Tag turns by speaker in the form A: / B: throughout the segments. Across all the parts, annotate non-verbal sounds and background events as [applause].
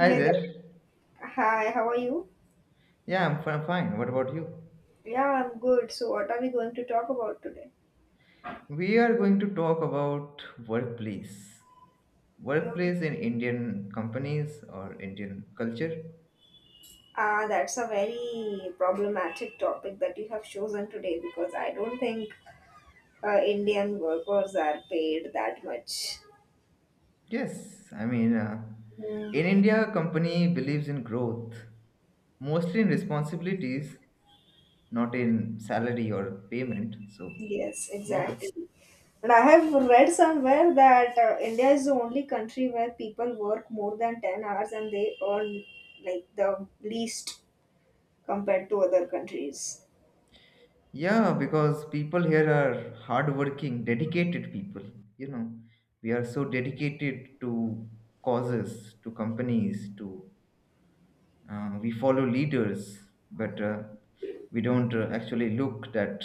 A: Hi there.
B: there. Hi, how are you?
A: Yeah, I'm fine. What about you?
B: Yeah, I'm good. So, what are we going to talk about today?
A: We are going to talk about workplace.
B: Mm,
A: Workplace in Indian companies or Indian culture.
B: That's a very problematic topic that you have chosen today because I don't think Indian workers are paid that much.
A: Yes, I mean,
B: Yeah.
A: in India, a company believes in growth, mostly in responsibilities, not in salary or payment. So,
B: Yes,
A: yeah.
B: exactly. And I have read somewhere that India is the only country where people work more than 10 hours and they earn like the least compared to other countries.
A: Yeah, because people here are hardworking, dedicated people. You know, we are so dedicated to causes, to companies, to we follow leaders, but we don't actually look at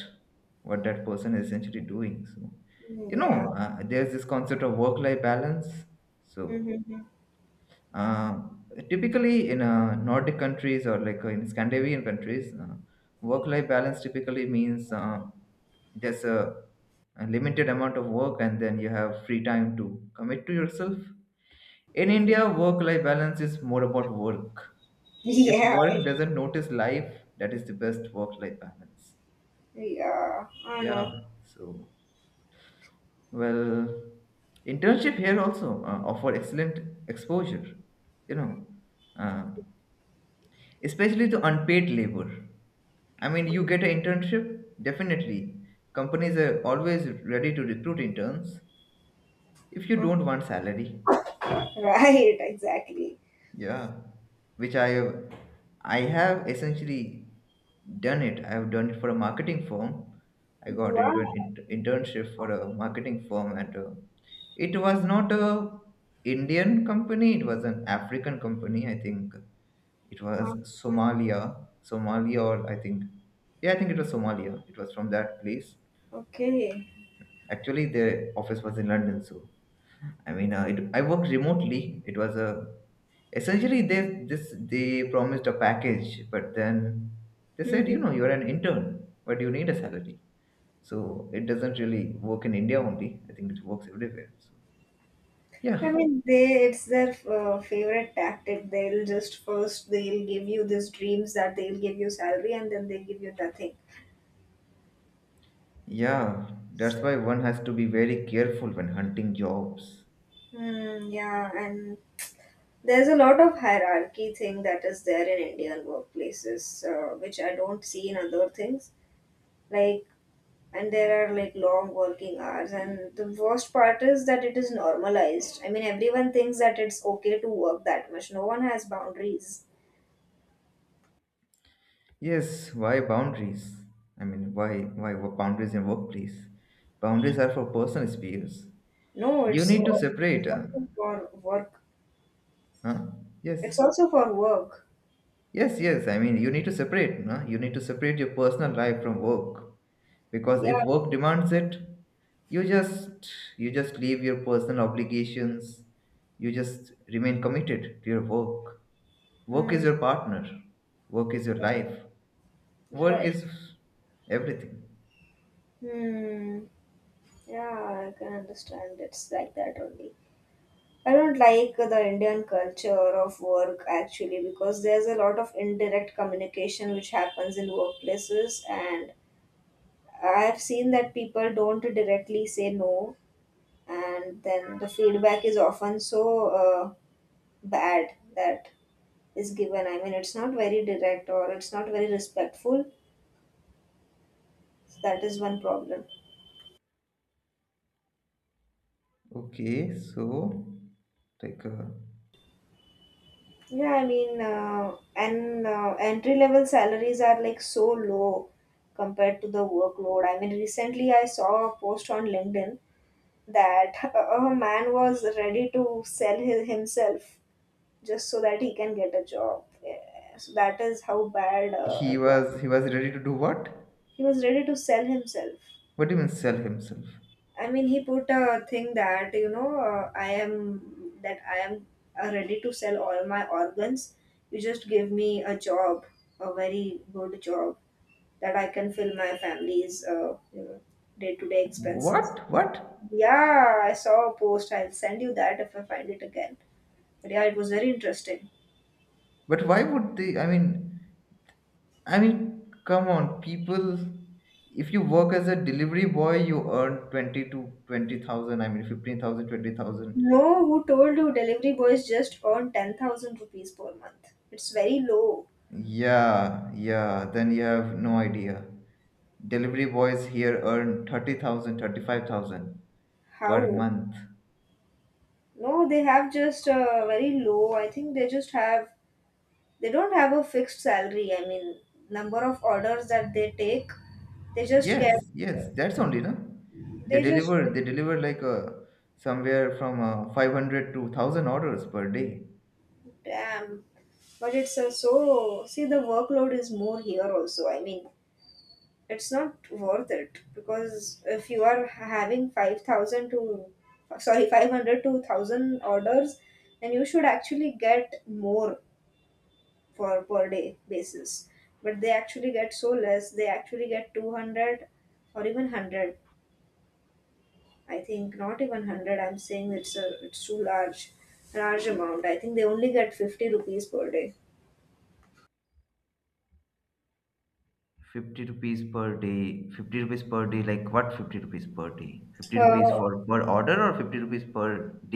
A: what that person is essentially doing. So,
B: Mm, yeah.
A: there's this concept of work-life balance. So,
B: Mm-hmm.
A: uh, typically, in Nordic countries or like in Scandinavian countries, work-life balance typically means there's a limited amount of work, and then you have free time to commit to yourself. In India, work-life balance is more about work.
B: [laughs]
A: If
B: Yeah.
A: work doesn't notice life, that is the best work-life balance.
B: Yeah, I know. [laughs]
A: Yeah. So, well, internship here also offer excellent exposure. You know. Uh, Especially to unpaid labor. I mean, you get an internship, definitely. Companies are always ready to recruit interns if you
B: Uh,
A: don't want salary.
B: Right, exactly.
A: Yeah, which I have, I have essentially done it. I have done it for a marketing firm. I got
B: Wow.
A: into an internship for a marketing firm, and it was not a Indian company. It was an African company, I think. It was
B: Uh-huh.
A: Somalia, or I think, yeah, I think it was Somalia. It was from that place.
B: Okay.
A: Actually, their office was in London, so I mean, I worked remotely. It was a essentially they this they promised a package, but then they said,
B: Mhm.
A: you're an intern, but you need a salary. So it doesn't really work in India only. I think it works everywhere. So yeah,
B: I mean, they it's their favorite tactic. They'll just first they'll give you these dreams that they'll give you salary and then they give you nothing.
A: yeah, that's
B: So,
A: why one has to be very careful when hunting jobs.
B: hmm, yeah, and there's a lot of hierarchy thing that is there in Indian workplaces, which I don't see in other things. Like and there are like long working hours and the worst part is that it is normalized. I mean, everyone thinks that it's okay to work that much. No one has boundaries.
A: Yes, why boundaries? I mean, why boundaries in workplace? Boundaries are for personal spheres.
B: No
A: You
B: it's,
A: need to
B: o- It's
A: separate.
B: also for work.
A: Huh?
B: It's
A: Yes,
B: also for work,
A: yes, yes. I mean, you need to separate. No? You need to separate your personal life from work, because
B: yeah.
A: if work demands it, you just you just leave your personal obligations. You just remain committed to your work. Work
B: Hmm.
A: is your partner. Work is your life. Work
B: Right.
A: is everything.
B: Hmm, yeah, I can understand it's like that only. I don't like the Indian culture of work actually, because there's a lot of indirect communication which happens in workplaces, and I've seen that people don't directly say no, and then the feedback is often so bad that is given. I mean, it's not very direct or it's not very respectful. So that is one problem.
A: Okay, so like
B: Yeah, I mean, and entry level salaries are like so low compared to the workload. I mean, recently I saw a post on LinkedIn that [laughs] a man was ready to sell himself just so that he can get a job. Yeah. So that is how bad
A: he was he was ready to do what?
B: he was ready to sell himself.
A: What do you mean sell himself?
B: I mean, he put a thing that you know I am that I am ready to sell all my organs. You just give me a job, a very good job that I can fill my family's day to day expenses.
A: What? What?
B: Yeah, I saw a post. I'll send you that if I find it again. But yeah, it was very interesting.
A: But why would they? I mean, come on, people. If you work as a delivery boy, you earn 20 to 20,000. I mean, 15,000, 20,000.
B: No, who told you delivery boys just earn 10,000 rupees per month? It's very low.
A: Yeah, yeah. Then you have no idea. Delivery boys here earn 30,000, 35,000 per
B: How?
A: month.
B: No, they have just very low. I think they don't have a fixed salary. I mean, number of orders that they take, they just get,
A: Yes, yes, that's only no.
B: they just get,
A: They deliver like somewhere from 500 to 1000 orders per day.
B: damn. But it's so, see, the workload is more here also. I mean, it's not worth it because if you are having 500 to 1000 orders, then you should actually get more for per day basis, but they actually get so less. They actually get 200 or even 100. I think not even 100. I'm saying it's a it's too large large amount. I think they only get 50 rupees per day.
A: 50 rupees per day? 50 rupees per day, like what? 50 rupees per day? 50 rupees
B: uh,
A: for per order or 50 rupees per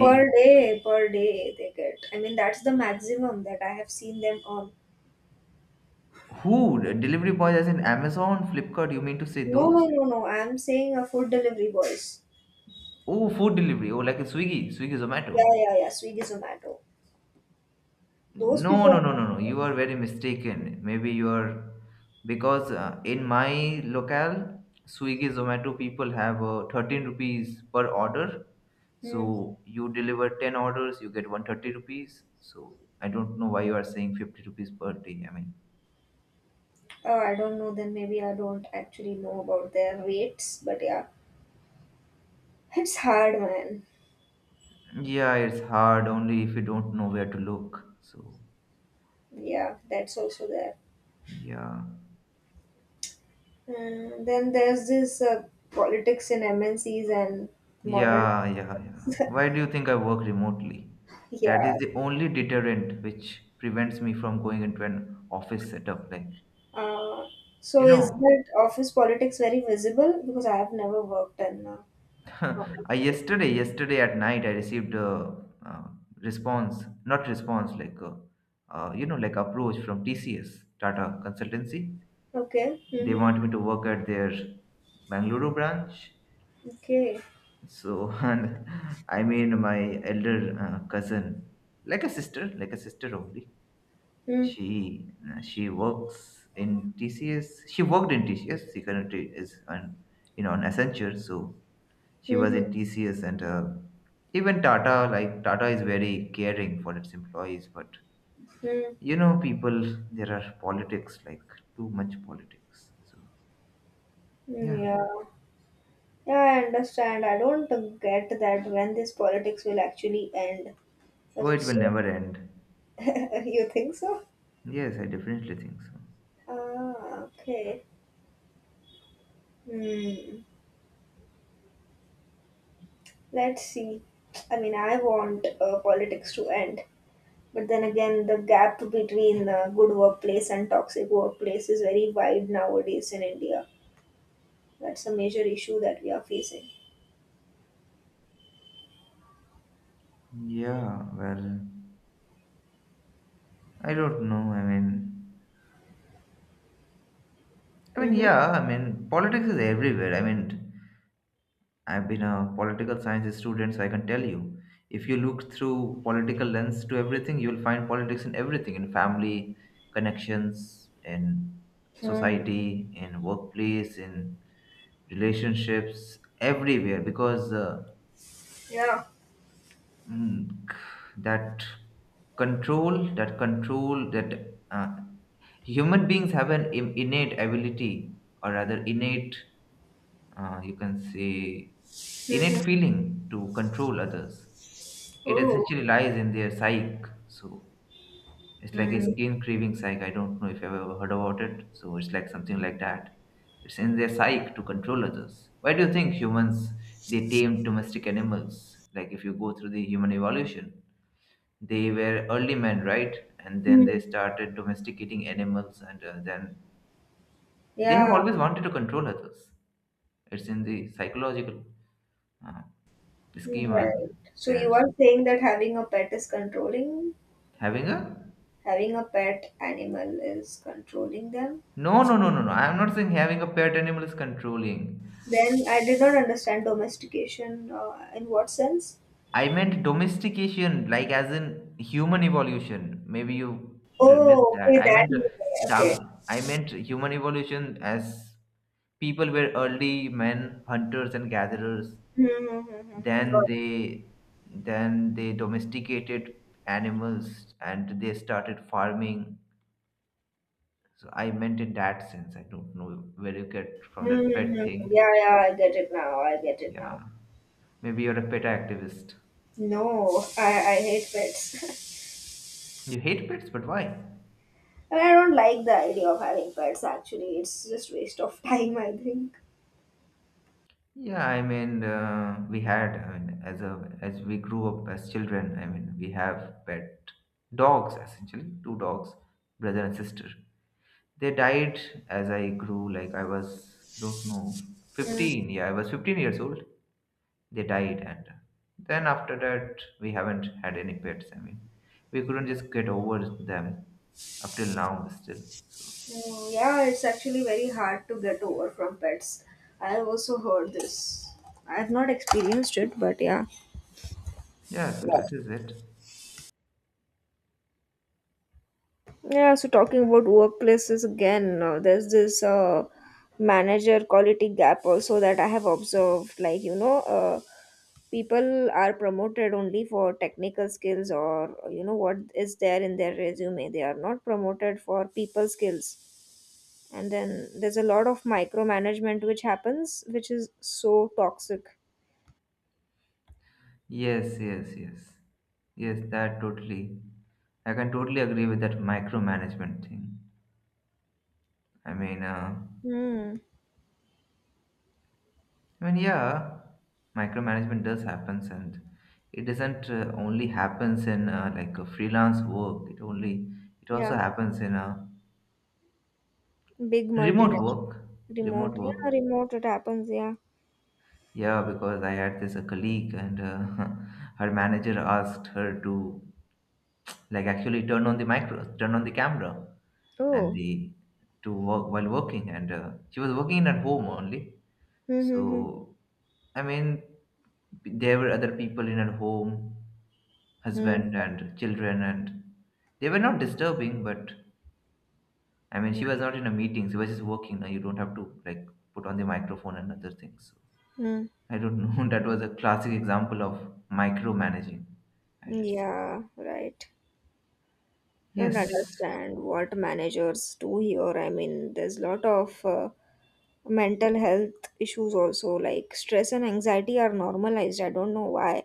A: day?
B: per day they get. I mean, that's the maximum that I have seen them earn.
A: Who? The delivery boys, as in Amazon, Flipkart, you mean to say
B: No, no,
A: those?
B: no, no. I'm saying a food delivery boys.
A: Oh, food delivery. Oh, like a Swiggy, Zomato?
B: Yeah, yeah, yeah. Swiggy, Zomato. Those
A: No,
B: people.
A: no, no, no, no. You are very mistaken. Maybe you are, because in my locale, Swiggy, Zomato people have 13 rupees per order.
B: Hmm.
A: So you deliver 10 orders, you get 130 rupees. So I don't know why you are saying 50 rupees per day. I mean,
B: Oh, I don't know. Then maybe I don't actually know about their rates. But yeah, it's hard, man.
A: yeah, it's hard only if you don't know where to look. So
B: Yeah, that's also there.
A: yeah.
B: Then there's this politics in MNCs and modern.
A: Yeah, yeah, yeah. Why do you think I work remotely? That
B: Yeah.
A: is the only deterrent which prevents me from going into an office setup. Like,
B: Uh, so
A: you
B: is
A: know,
B: that office politics very visible? Because I have never worked in
A: [laughs] I,
B: office.
A: yesterday at night, I received a, uh response, not response, like, approach from TCS, Tata Consultancy.
B: Okay.
A: They
B: Mm-hmm.
A: want me to work at their Bangalore branch.
B: Okay.
A: So, [laughs] and I mean, my elder cousin, like a sister only.
B: Hmm.
A: She works in TCS. She worked in TCS. She currently is on you know on Accenture. So she was
B: Mm-hmm.
A: in TCS and even Tata, like Tata is very caring for its employees. But
B: Hmm.
A: you know, people there are politics, like too much politics. So yeah.
B: Yeah, yeah, I understand. I don't get that when this politics will actually end. But
A: Oh, it will
B: it's
A: never end.
B: [laughs] you think so?
A: Yes, I definitely think so.
B: Ah, okay. Hmm. Let's see. I mean, I want politics to end, but then again, the gap between good workplace and toxic workplace is very wide nowadays in India. That's a major issue that we are facing.
A: Yeah, well, I don't know. I mean,
B: Mm-hmm.
A: yeah, I mean, politics is everywhere. I mean, I've been a political science student, so I can tell you. If you look through political lens to everything, you'll find politics in everything, in family, connections, in
B: Mm.
A: society, in workplace, in relationships, everywhere. Because
B: Yeah.
A: mm, that that control, that human beings have an innate ability, or rather innate you can say,
B: Mm-hmm.
A: innate feeling to control others. It
B: Oh.
A: essentially lies in their psyche. So it's like a
B: Mm.
A: skin craving psyche. I don't know if you've ever heard about it. So it's like something like that. It's in their psyche to control others. Why do you think humans they tame domestic animals? Like if you go through the human evolution, they were early men, right? And then
B: Mm.
A: they started domesticating animals, and then they have
B: Yeah.
A: always wanted to control others. It's in the psychological, Uh, schema.
B: Right. So you
A: There's
B: are saying that
A: having a
B: having a pet animal is controlling them.
A: no, no, no, no, no. I'm not saying having a pet animal is controlling.
B: Then I did not understand domestication in what sense?
A: I meant domestication, like as in human evolution. Maybe you missed
B: Oh,
A: that.
B: okay,
A: I
B: that
A: meant
B: way. Okay.
A: Human evolution as people were early men, hunters and gatherers.
B: Mm-hmm.
A: Then
B: Got it.
A: they then they domesticated animals and they started farming. So I meant in that sense. I don't know where you get from that
B: Mm-hmm.
A: pet
B: Yeah,
A: thing.
B: yeah, I get it now. I get it now.
A: Yeah. Maybe you're a pet activist.
B: No, I hate pets. [laughs]
A: You hate pets, but why?
B: I mean, I don't like the idea of having pets actually. It's just waste of [laughs] time, I think.
A: Yeah, I mean, we had, I mean, as we grew up as children, I mean, we have pet dogs essentially, two dogs, brother and sister. They died as I grew, like I was, I don't know,
B: Hmm.
A: 15. Yeah, I was 15 years old. They died, and then after that we haven't had any pets. I mean, we couldn't just get over them up till now still. So
B: Oh, yeah, it's actually very hard to get over from pets. I've also heard this. I've not experienced it, but yeah.
A: yeah, so
B: Yeah.
A: that is it.
B: Yeah, so talking about workplaces again, there's this manager quality gap also that I have observed. Like, you know, people are promoted only for technical skills or, you know, what is there in their resume. They are not promoted for people skills, and then there's a lot of micromanagement which happens which is so toxic.
A: Yes, yes, yes, yes, that totally. I can totally agree with that micromanagement thing. I mean,
B: Hmm.
A: I mean, yeah, micromanagement does happens, and it doesn't only happens in like a freelance work, it also
B: Yeah.
A: happens in a
B: Big
A: remote work
B: multinational. Remote,
A: remote
B: yeah,
A: work.
B: remote, it happens, yeah.
A: Yeah, because I had this a colleague, and [laughs] her manager asked her to like actually turn on the camera, and
B: Oh.
A: the to work while working, and she was working at home only.
B: Mm-hmm.
A: So I mean, there were other people in her home,
B: Mm.
A: husband and children, and they were not disturbing. But I mean, she was not in a meeting; she was just working. Now you don't have to like put on the microphone and other things.
B: Mm.
A: I don't know. [laughs] That was a classic example of micromanaging, I should say.
B: Yeah, right. I don't
A: Yes. [laughs]
B: understand what managers do here. I mean, there's a lot of mental health issues also. Like stress and anxiety are normalized. I don't know why.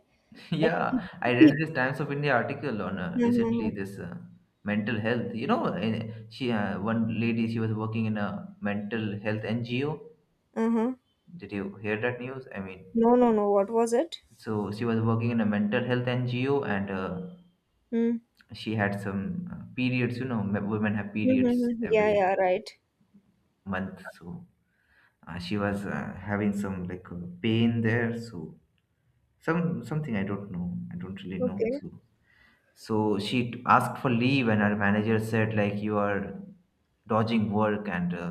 B: Like [laughs]
A: Yeah, I read this Times of India article on recently
B: people.
A: this mental health. You know, she one lady she was working in a mental health NGO.
B: Uh-huh. Uh-huh.
A: Did you hear that news? I mean,
B: No, no, no. What was it?
A: so she was working in a mental health NGO and
B: Hmm.
A: she had some periods. You know, women have periods
B: Mm-hmm. Yeah,
A: every
B: yeah, right.
A: month, so she was having some like pain there. So something. I don't know. I don't really know.
B: Okay.
A: So she asked for leave, and her manager said like you are dodging work, and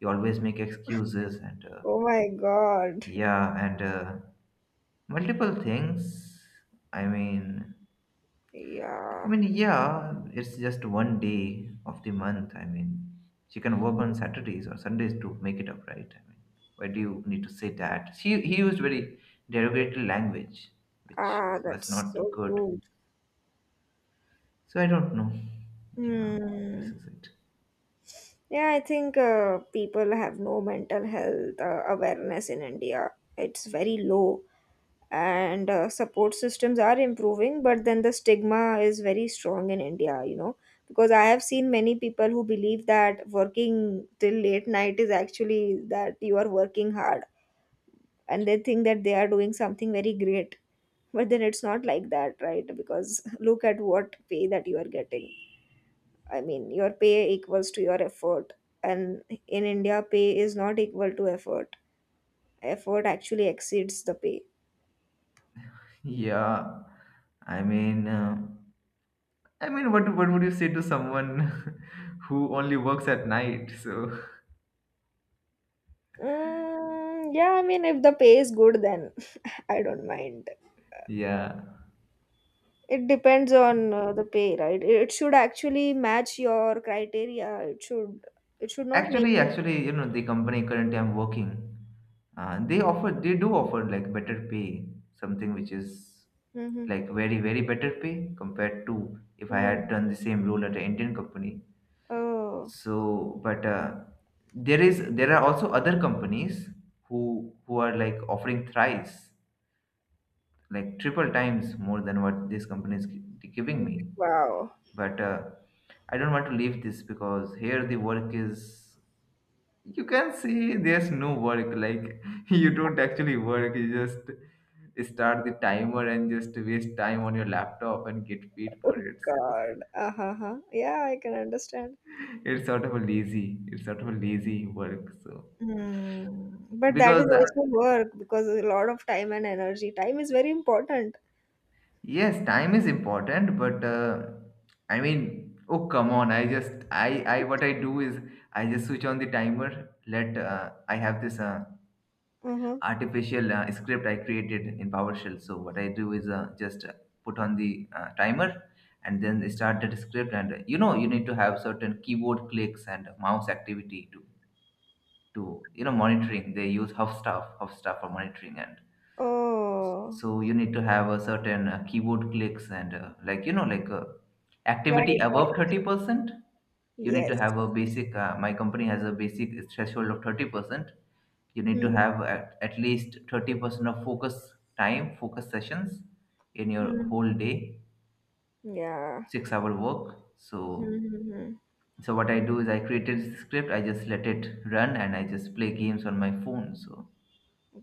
A: you always make excuses, and
B: Oh my God.
A: yeah, and multiple things. I mean,
B: Yeah.
A: yeah, it's just one day of the month. I mean, she can work on Saturdays or Sundays to make it up, right? I mean, why do you need to say that? She he used very derogatory language, which
B: Ah, that's
A: was
B: so
A: not good.
B: good.
A: So I don't know. Yeah, this
B: Hmm.
A: is it.
B: Yeah, I think people have no mental health awareness in India. It's very low, and support systems are improving, but then the stigma is very strong in India, you know, because I have seen many people who believe that working till late night is actually that you are working hard, and they think that they are doing something very great. But then it's not like that, right? Because [laughs] look at what pay that you are getting. I mean, your pay equals to your effort, and in India pay is not equal to effort. Effort actually exceeds the pay.
A: Yeah, I mean, what would you say to someone [laughs] who only works at night? So
B: Mm, yeah, I mean if the pay is good then [laughs] I don't mind.
A: yeah,
B: It depends on the pay, right? It should actually match your criteria. It should it should not make you
A: actually, the company currently I'm working, they do offer like better pay, something which is
B: Mhm.
A: like very very better pay compared to if I
B: Mm.
A: had done the same role at an Indian company.
B: Oh.
A: So, but there are also other companies who are like offering thrice, like triple times more than what this company is giving me.
B: Wow.
A: But I don't want to leave this because here the work is you can say there's no work. Like [laughs] you don't actually work. You just start the timer and just waste time on your laptop and get paid for
B: Oh
A: it. So
B: God. Uh-huh. Yeah, I can understand.
A: [laughs] it's sort of a lazy. It's sort of a lazy work. So,
B: Mm. But that
A: because
B: is also work because a lot of time and energy. Time is very important.
A: yes, time is important, but I mean, oh come on! I what I do is I just switch on the timer. Let I have this
B: Uh-huh.
A: artificial script I created in PowerShell. So what I do is just put on the timer and then start that script. And you know, you need to have certain keyboard clicks and mouse activity to monitoring. They use Hubstaff for monitoring. And
B: Oh,
A: so you need to have a certain keyboard clicks and like, like, activity
B: right, right.
A: above 30%. You need to
B: Yes.
A: have a basic— my company has a basic threshold of 30%. You need to have at least 30% of focus time, focus sessions in your
B: Mm-hmm.
A: whole day,
B: Yeah.
A: 6 hour work. so
B: Mm-hmm.
A: so what I do is I created this script, I just let it run, and I just play games on my phone. So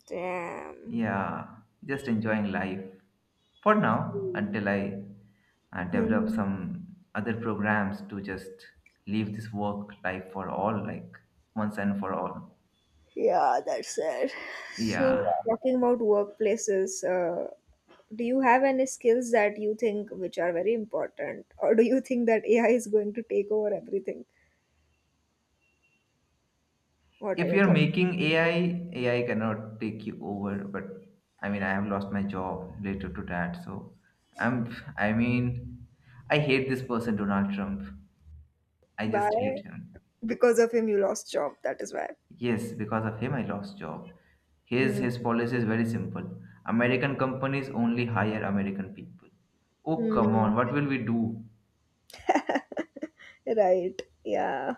B: Damn.
A: yeah, just enjoying life for now until I develop
B: Mm-hmm.
A: some other programs to just leave this work life for all, like, once and for all.
B: Yeah, that's it. So,
A: Yeah.
B: talking about workplaces, do you have any skills that you think which are very important, or do you think that AI is going to take over everything? What are
A: If
B: your
A: you're
B: thoughts?
A: making AI, AI cannot take you over, but I mean, I have lost my job related to that. So I mean, I hate this person, Donald Trump. I just
B: Why?
A: hate him.
B: Because of him you lost job, that is why.
A: Yes, because of him I lost job. His
B: Mm,
A: his policy is very simple. American companies only hire American people. Oh, come
B: mm,
A: on, what will we do?
B: right, yeah.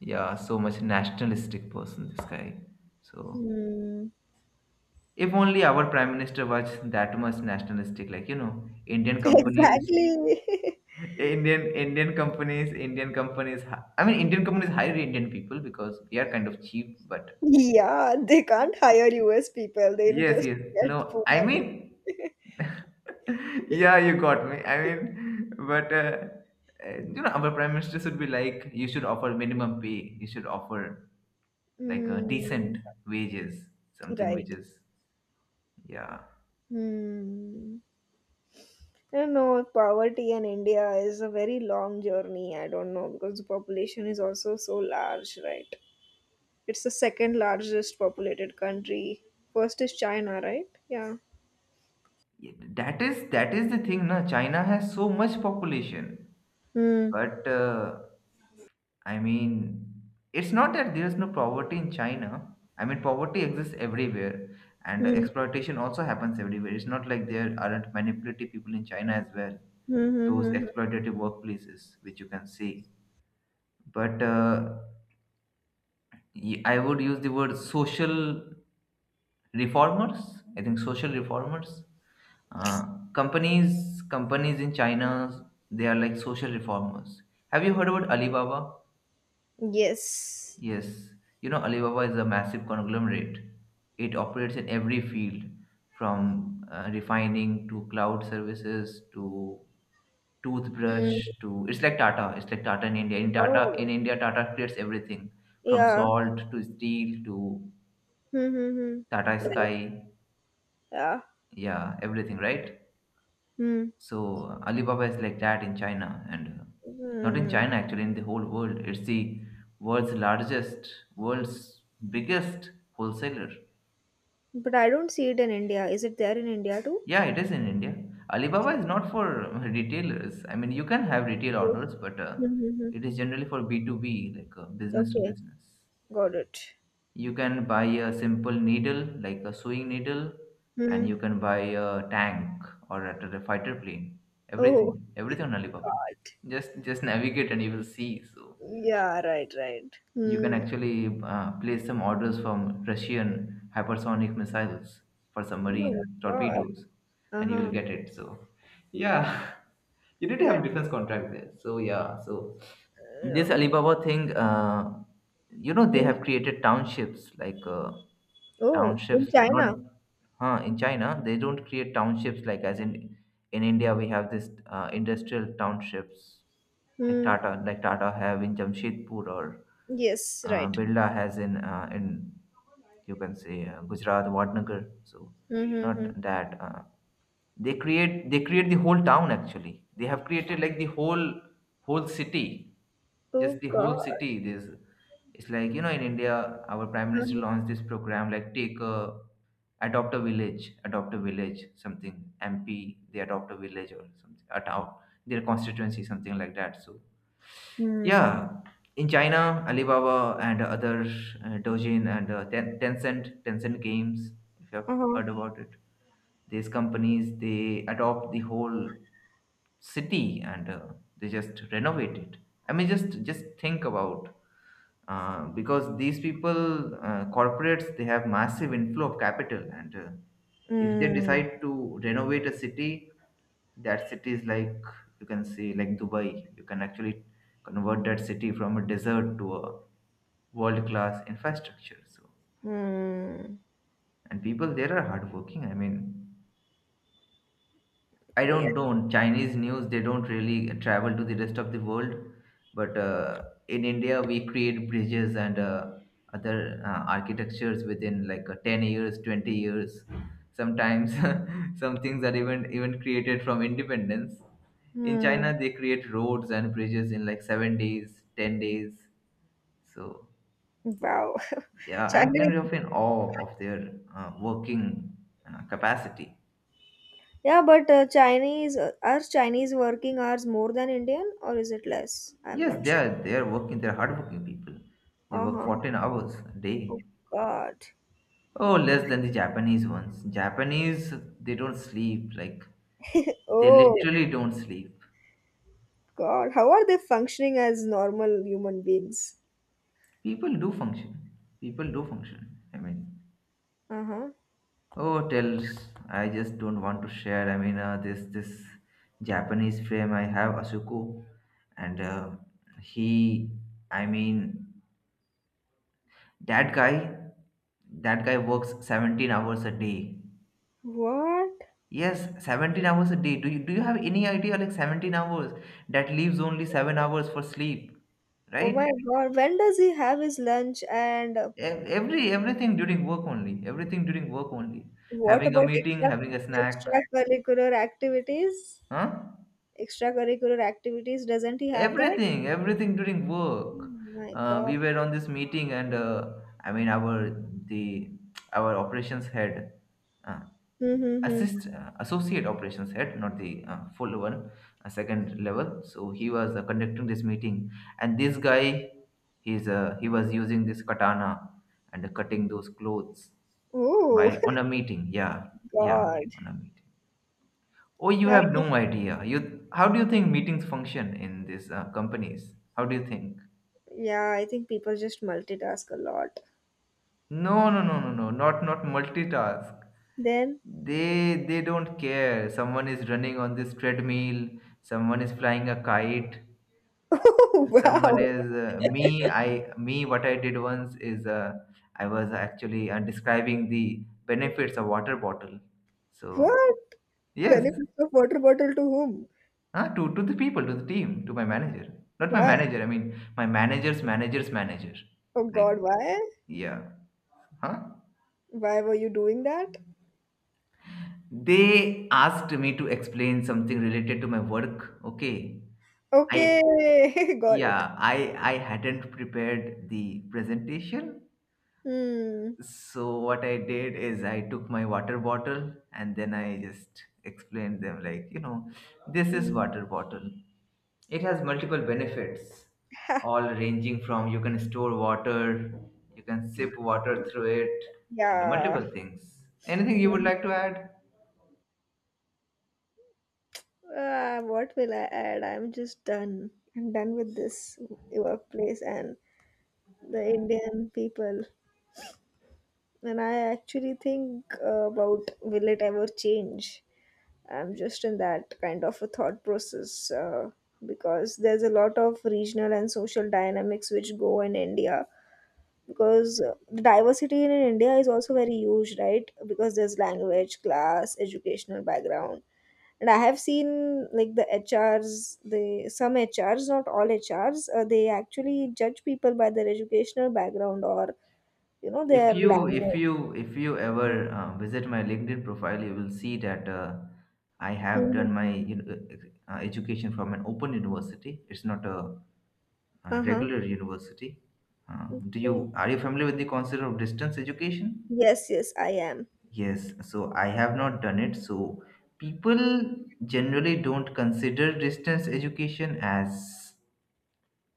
A: Yeah, so much nationalistic person, this guy. So
B: Mm,
A: if only our prime minister was that much nationalistic, like, you know, Indian
B: [laughs]
A: companies,
B: exactly.
A: [laughs] Indian companies, Indian companies. I mean, Indian companies hire Indian people because we are kind of cheap.
B: [laughs]
A: But
B: Yeah, they can't hire us people, they'll
A: yes,
B: just
A: yes,
B: get
A: no,
B: poor.
A: I mean, yeah, you got me. I mean, but you know, our prime minister should be like, you should offer minimum pay. You should offer, like, a decent
B: Mm,
A: wages, something which
B: right.
A: is— yeah.
B: Mm. I know poverty in India is a very long journey. I don't know because the population is also so large, right? It's the second largest populated country. First is China, right? Yeah.
A: Yeah, that is the thing, na. China has so much population,
B: Hmm.
A: but I mean, it's not that there's no poverty in China. I mean, poverty exists everywhere, and
B: Hmm.
A: exploitation also happens everywhere. It's not like there aren't manipulative people in China as well,
B: Hmm.
A: those
B: Hmm. Hmm.
A: exploitative workplaces, which you can see. But I would use the word social reformers. I think social reformers. Uh, companies in China, they are like social reformers. Have you heard about Alibaba?
B: Hmm. Yes.
A: Yes, Alibaba is a massive conglomerate. It operates in every field, from refining to cloud services to
B: Hmm.
A: toothbrush
B: Hmm.
A: to— it's like Tata. It's like Tata in India. In Tata
B: Oh.
A: in India, Tata creates everything from
B: Yeah.
A: salt to steel to
B: Hmm. Hmm, hmm.
A: Tata
B: Right.
A: Sky.
B: Yeah.
A: Yeah, everything, right?
B: Hmm.
A: So Alibaba is like that in China, and not in
B: Hmm.
A: China, actually, in the whole world. It's the world's largest, world's biggest wholesaler.
B: But I don't see it in India. Is it there in India too?
A: Yeah, it is in India. Alibaba
B: Okay.
A: is not for retailers. I mean, you can have retail
B: Hmm.
A: orders, but
B: Hmm. Hmm.
A: it is generally for B2B, like, business to
B: Okay.
A: business.
B: Got it.
A: You can buy a simple needle, like a sewing needle,
B: Hmm.
A: and
B: Hmm.
A: you can buy a tank or at a fighter plane.
B: Oh
A: Everything, everything on Alibaba.
B: God.
A: Just navigate and you will see. So
B: Yeah, right, right.
A: you can
B: Hmm.
A: actually place some orders from Russian hypersonic missiles, for
B: Oh my
A: submarine
B: God.
A: torpedoes, and you will
B: Uh-huh.
A: get it. So, yeah, [laughs] you need to
B: That,
A: have a defense contract there. So, yeah, so
B: yeah.
A: this Alibaba thing, you know, they
B: Hmm.
A: have created townships, like,
B: Oh, in
A: townships— not—
B: China.
A: Huh, in China, they don't create townships like, as in— in India we have this industrial townships, like
B: Hmm.
A: Tata like Tata have in Jamshedpur, or
B: Yes, right.
A: Birla has in in— you can say, Gujarat Vadnagar. So
B: Mm-hmm.
A: not that they create the whole town, actually. They have created, like, the whole city,
B: Oh
A: just the
B: God.
A: whole city. This— it's like, you know, in India our prime minister
B: Uh-huh.
A: launched this program, like, take a adopt a village, something— MP, they adopt a village or something, a town, their constituency, something like that. So
B: Hmm.
A: yeah, in China, Alibaba and other Dojin and Tencent, Tencent Games, if you have
B: Uh-huh.
A: heard about it, these companies, they adopt the whole city and they just renovate it. I mean, just think about— because these people, corporates, they have massive inflow of capital and if they
B: Hmm.
A: decide to renovate a city, that city is like— you can say, like, Dubai. You can actually convert that city from a desert to a world class infrastructure. So
B: Hmm.
A: and people there are hardworking. I mean, I
B: Yeah.
A: don't don't Chinese news. They don't really travel to the rest of the world, but in India we create bridges and other architectures within, like, 10 years, 20 years. Sometimes [laughs] some things are even created from independence. In
B: Hmm.
A: China, they create roads and bridges in, like, 7 days, 10 days. So
B: Wow. [laughs]
A: yeah, I'm
B: China.
A: kind of in awe of their working capacity.
B: Yeah, but Chinese are Chinese working hours more than Indian or is it less? I'm
A: Yes,
B: not
A: they
B: sure.
A: are they are working. They are hardworking people. They work
B: Uh-huh.
A: 14 hours a
B: Oh
A: day.
B: God.
A: Oh, less than the Japanese ones. Japanese, they don't sleep. Like,
B: [laughs]
A: they
B: Oh.
A: literally don't sleep.
B: God, how are they functioning as normal human beings?
A: People do function. People do function. I mean,
B: Uh huh.
A: oh, tells— I just don't want to share. I mean, this Japanese frame I have, Asuko, and he. I mean, that guy. That guy works 17 hours a day.
B: What?
A: Yes, 17 hours a day. Do you have any idea, like, 17 hours? That leaves only 7 hours for sleep,
B: Oh my
A: right?
B: God. When does he have his lunch? And
A: Everything during work only. Everything during work only.
B: what
A: Having a
B: about
A: meeting, having a snack,
B: extracurricular activities?
A: huh?
B: Extracurricular activities? Doesn't he have that?
A: Everything, everything during
B: Oh
A: work.
B: my God.
A: We were on this meeting and I mean, the our operations head— uh,
B: Mm-hmm.
A: assist associate operations head, not the full one, second level, so he was conducting this meeting, and this guy, he was using this katana and cutting those clothes
B: Oh
A: while on a meeting. Yeah,
B: [laughs]
A: yeah,
B: God.
A: on a meeting. Oh, you
B: Yeah,
A: have no
B: pe-
A: idea— you— how do you think meetings function in these companies? How do you think?
B: yeah, I think people just multitask a lot.
A: No, no, no, no, no, not multitask.
B: Then,
A: They don't care. Someone is running on this treadmill, someone is flying a kite,
B: [laughs] oh wow,
A: someone is— me I me what I did once is— I was actually describing the benefits of water bottle. So
B: what?
A: yes.
B: Benefits of water bottle to whom?
A: Huh, to the people, to the team, to my manager— not my
B: Why?
A: manager, I mean, my manager's manager's manager.
B: Oh
A: Like,
B: God, why?
A: yeah, huh,
B: Why were you doing that?
A: they asked me to explain something related to my work. Okay. I—
B: Okay, [laughs] got it.
A: yeah, I hadn't prepared the presentation.
B: Hmm.
A: So what I did is I took my water bottle, and then I just explained them, like, you know, this is
B: Mm.
A: water bottle. It has multiple benefits, all ranging from— you can store water, you can sip water through it, and
B: Yeah.
A: multiple things. Anything you would
B: Mm.
A: like to add?
B: Ah, what will I add? I'm just done. I'm done with this workplace and the Indian people. And I actually think about will it ever change? I'm just in that kind of a thought process, because there's a lot of regional and social dynamics which go in India, because the diversity in India is also very huge, right? Because there's language, class, educational background. And I have seen like the HRs, the some HRs, not all HRs, they actually judge people by their educational background, or you know
A: If
B: their
A: you if
B: language.
A: you if you ever visit my LinkedIn profile, you will see that I have
B: Hmm.
A: done my, you know, education from an open university. It's not a
B: Uh-huh.
A: regular university. Do
B: Okay.
A: you are you familiar with the concept of distance education?
B: Yes, yes, I am.
A: Yes, so I have not done it. So people generally don't consider distance education as,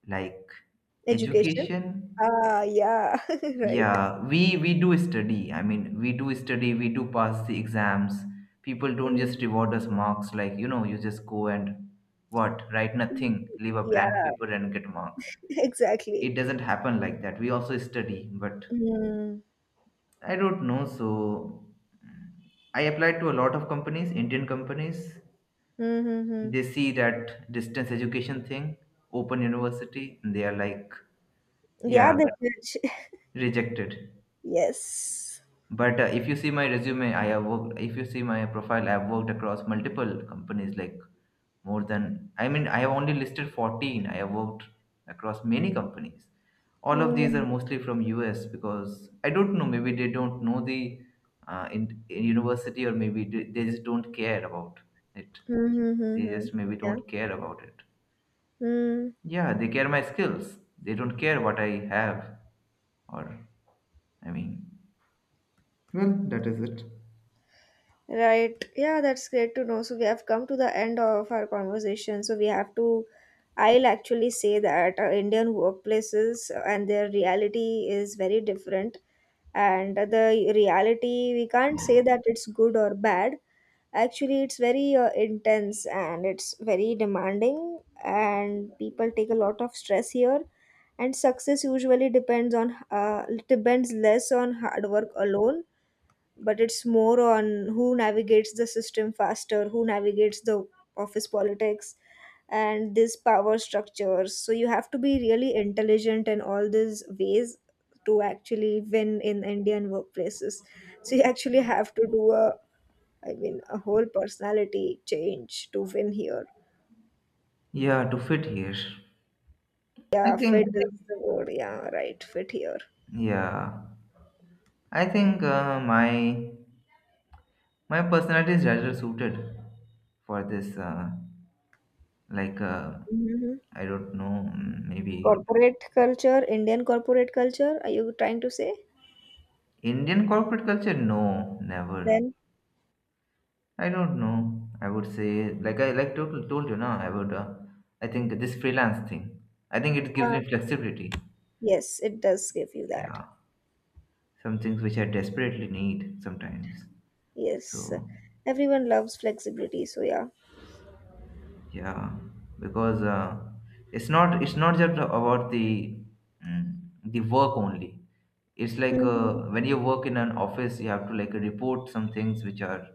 A: like,
B: Education.
A: education.
B: Ah, yeah, [laughs] right.
A: Yeah, we do study. I mean, we do study, we do pass the exams. People don't
B: Mm.
A: just reward us marks, like, you know, you just go and, what, write nothing, leave a
B: Yeah,
A: blank paper and get marks.
B: [laughs] exactly.
A: It doesn't happen like that. We also study, but
B: Mm-hmm.
A: I don't know. So I applied to a lot of companies, Indian companies.
B: Mm-hmm.
A: They see that distance education thing, open university, and they are like,
B: Yeah,
A: yeah,
B: they judge.
A: rejected.
B: Yes.
A: But if you see my resume, I have worked— if you see my profile, I have worked across multiple companies, like, more than— I mean, I have only listed 14. I have worked across many companies. All of these are
B: Mm,
A: mostly from US, because I don't know, maybe they don't know the in university, or maybe they just don't care about it.
B: hmm, hmm, hmm,
A: They
B: hmm.
A: just maybe
B: Yeah.
A: don't care about it.
B: Mm,
A: Yeah, they care my skills. They don't care what I have, or— I mean, well, that is it.
B: right. Yeah, that's great to know. So we have come to the end of our conversation. So we have to, I'll actually say that Indian workplaces and their reality is very different. And the reality, we can't say that it's good or bad. Actually, it's very intense and it's very demanding, and people take a lot of stress here, and success usually depends on depends less on hard work alone, but it's more on who navigates the system faster, who navigates the office politics and these power structures. So you have to be really intelligent in all these ways to actually win in Indian workplaces. So you actually have to do a, I mean, a whole personality change to win here.
A: Yeah, to fit here, I
B: Yeah, fit
A: think.
B: is the word, yeah, right, fit here.
A: Yeah, I think my personality is rather suited for this, like uh,
B: Mhm.
A: I don't know. Maybe.
B: Corporate culture, Indian corporate culture, are you trying to say?
A: Indian corporate culture, no, never.
B: Then,
A: I don't know. I would say, like, I like— told you now, I would— I think this freelance thing, I think it gives
B: uh,
A: me flexibility.
B: yes, it does give you that.
A: Yeah, some things which I desperately need sometimes.
B: Yes.
A: So.
B: Everyone loves flexibility, so yeah.
A: Yeah, because it's not just about the— mm, the work only. It's like,
B: Hmm.
A: when you work in an office, you have to, like, report some things which are.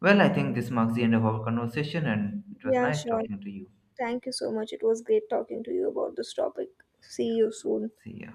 A: Well, I think this marks the end of our conversation, and it was
B: Yeah,
A: nice
B: sure.
A: talking to you.
B: Thank you so much. It was great talking to you about this topic. See
A: Yeah,
B: you soon.
A: see ya.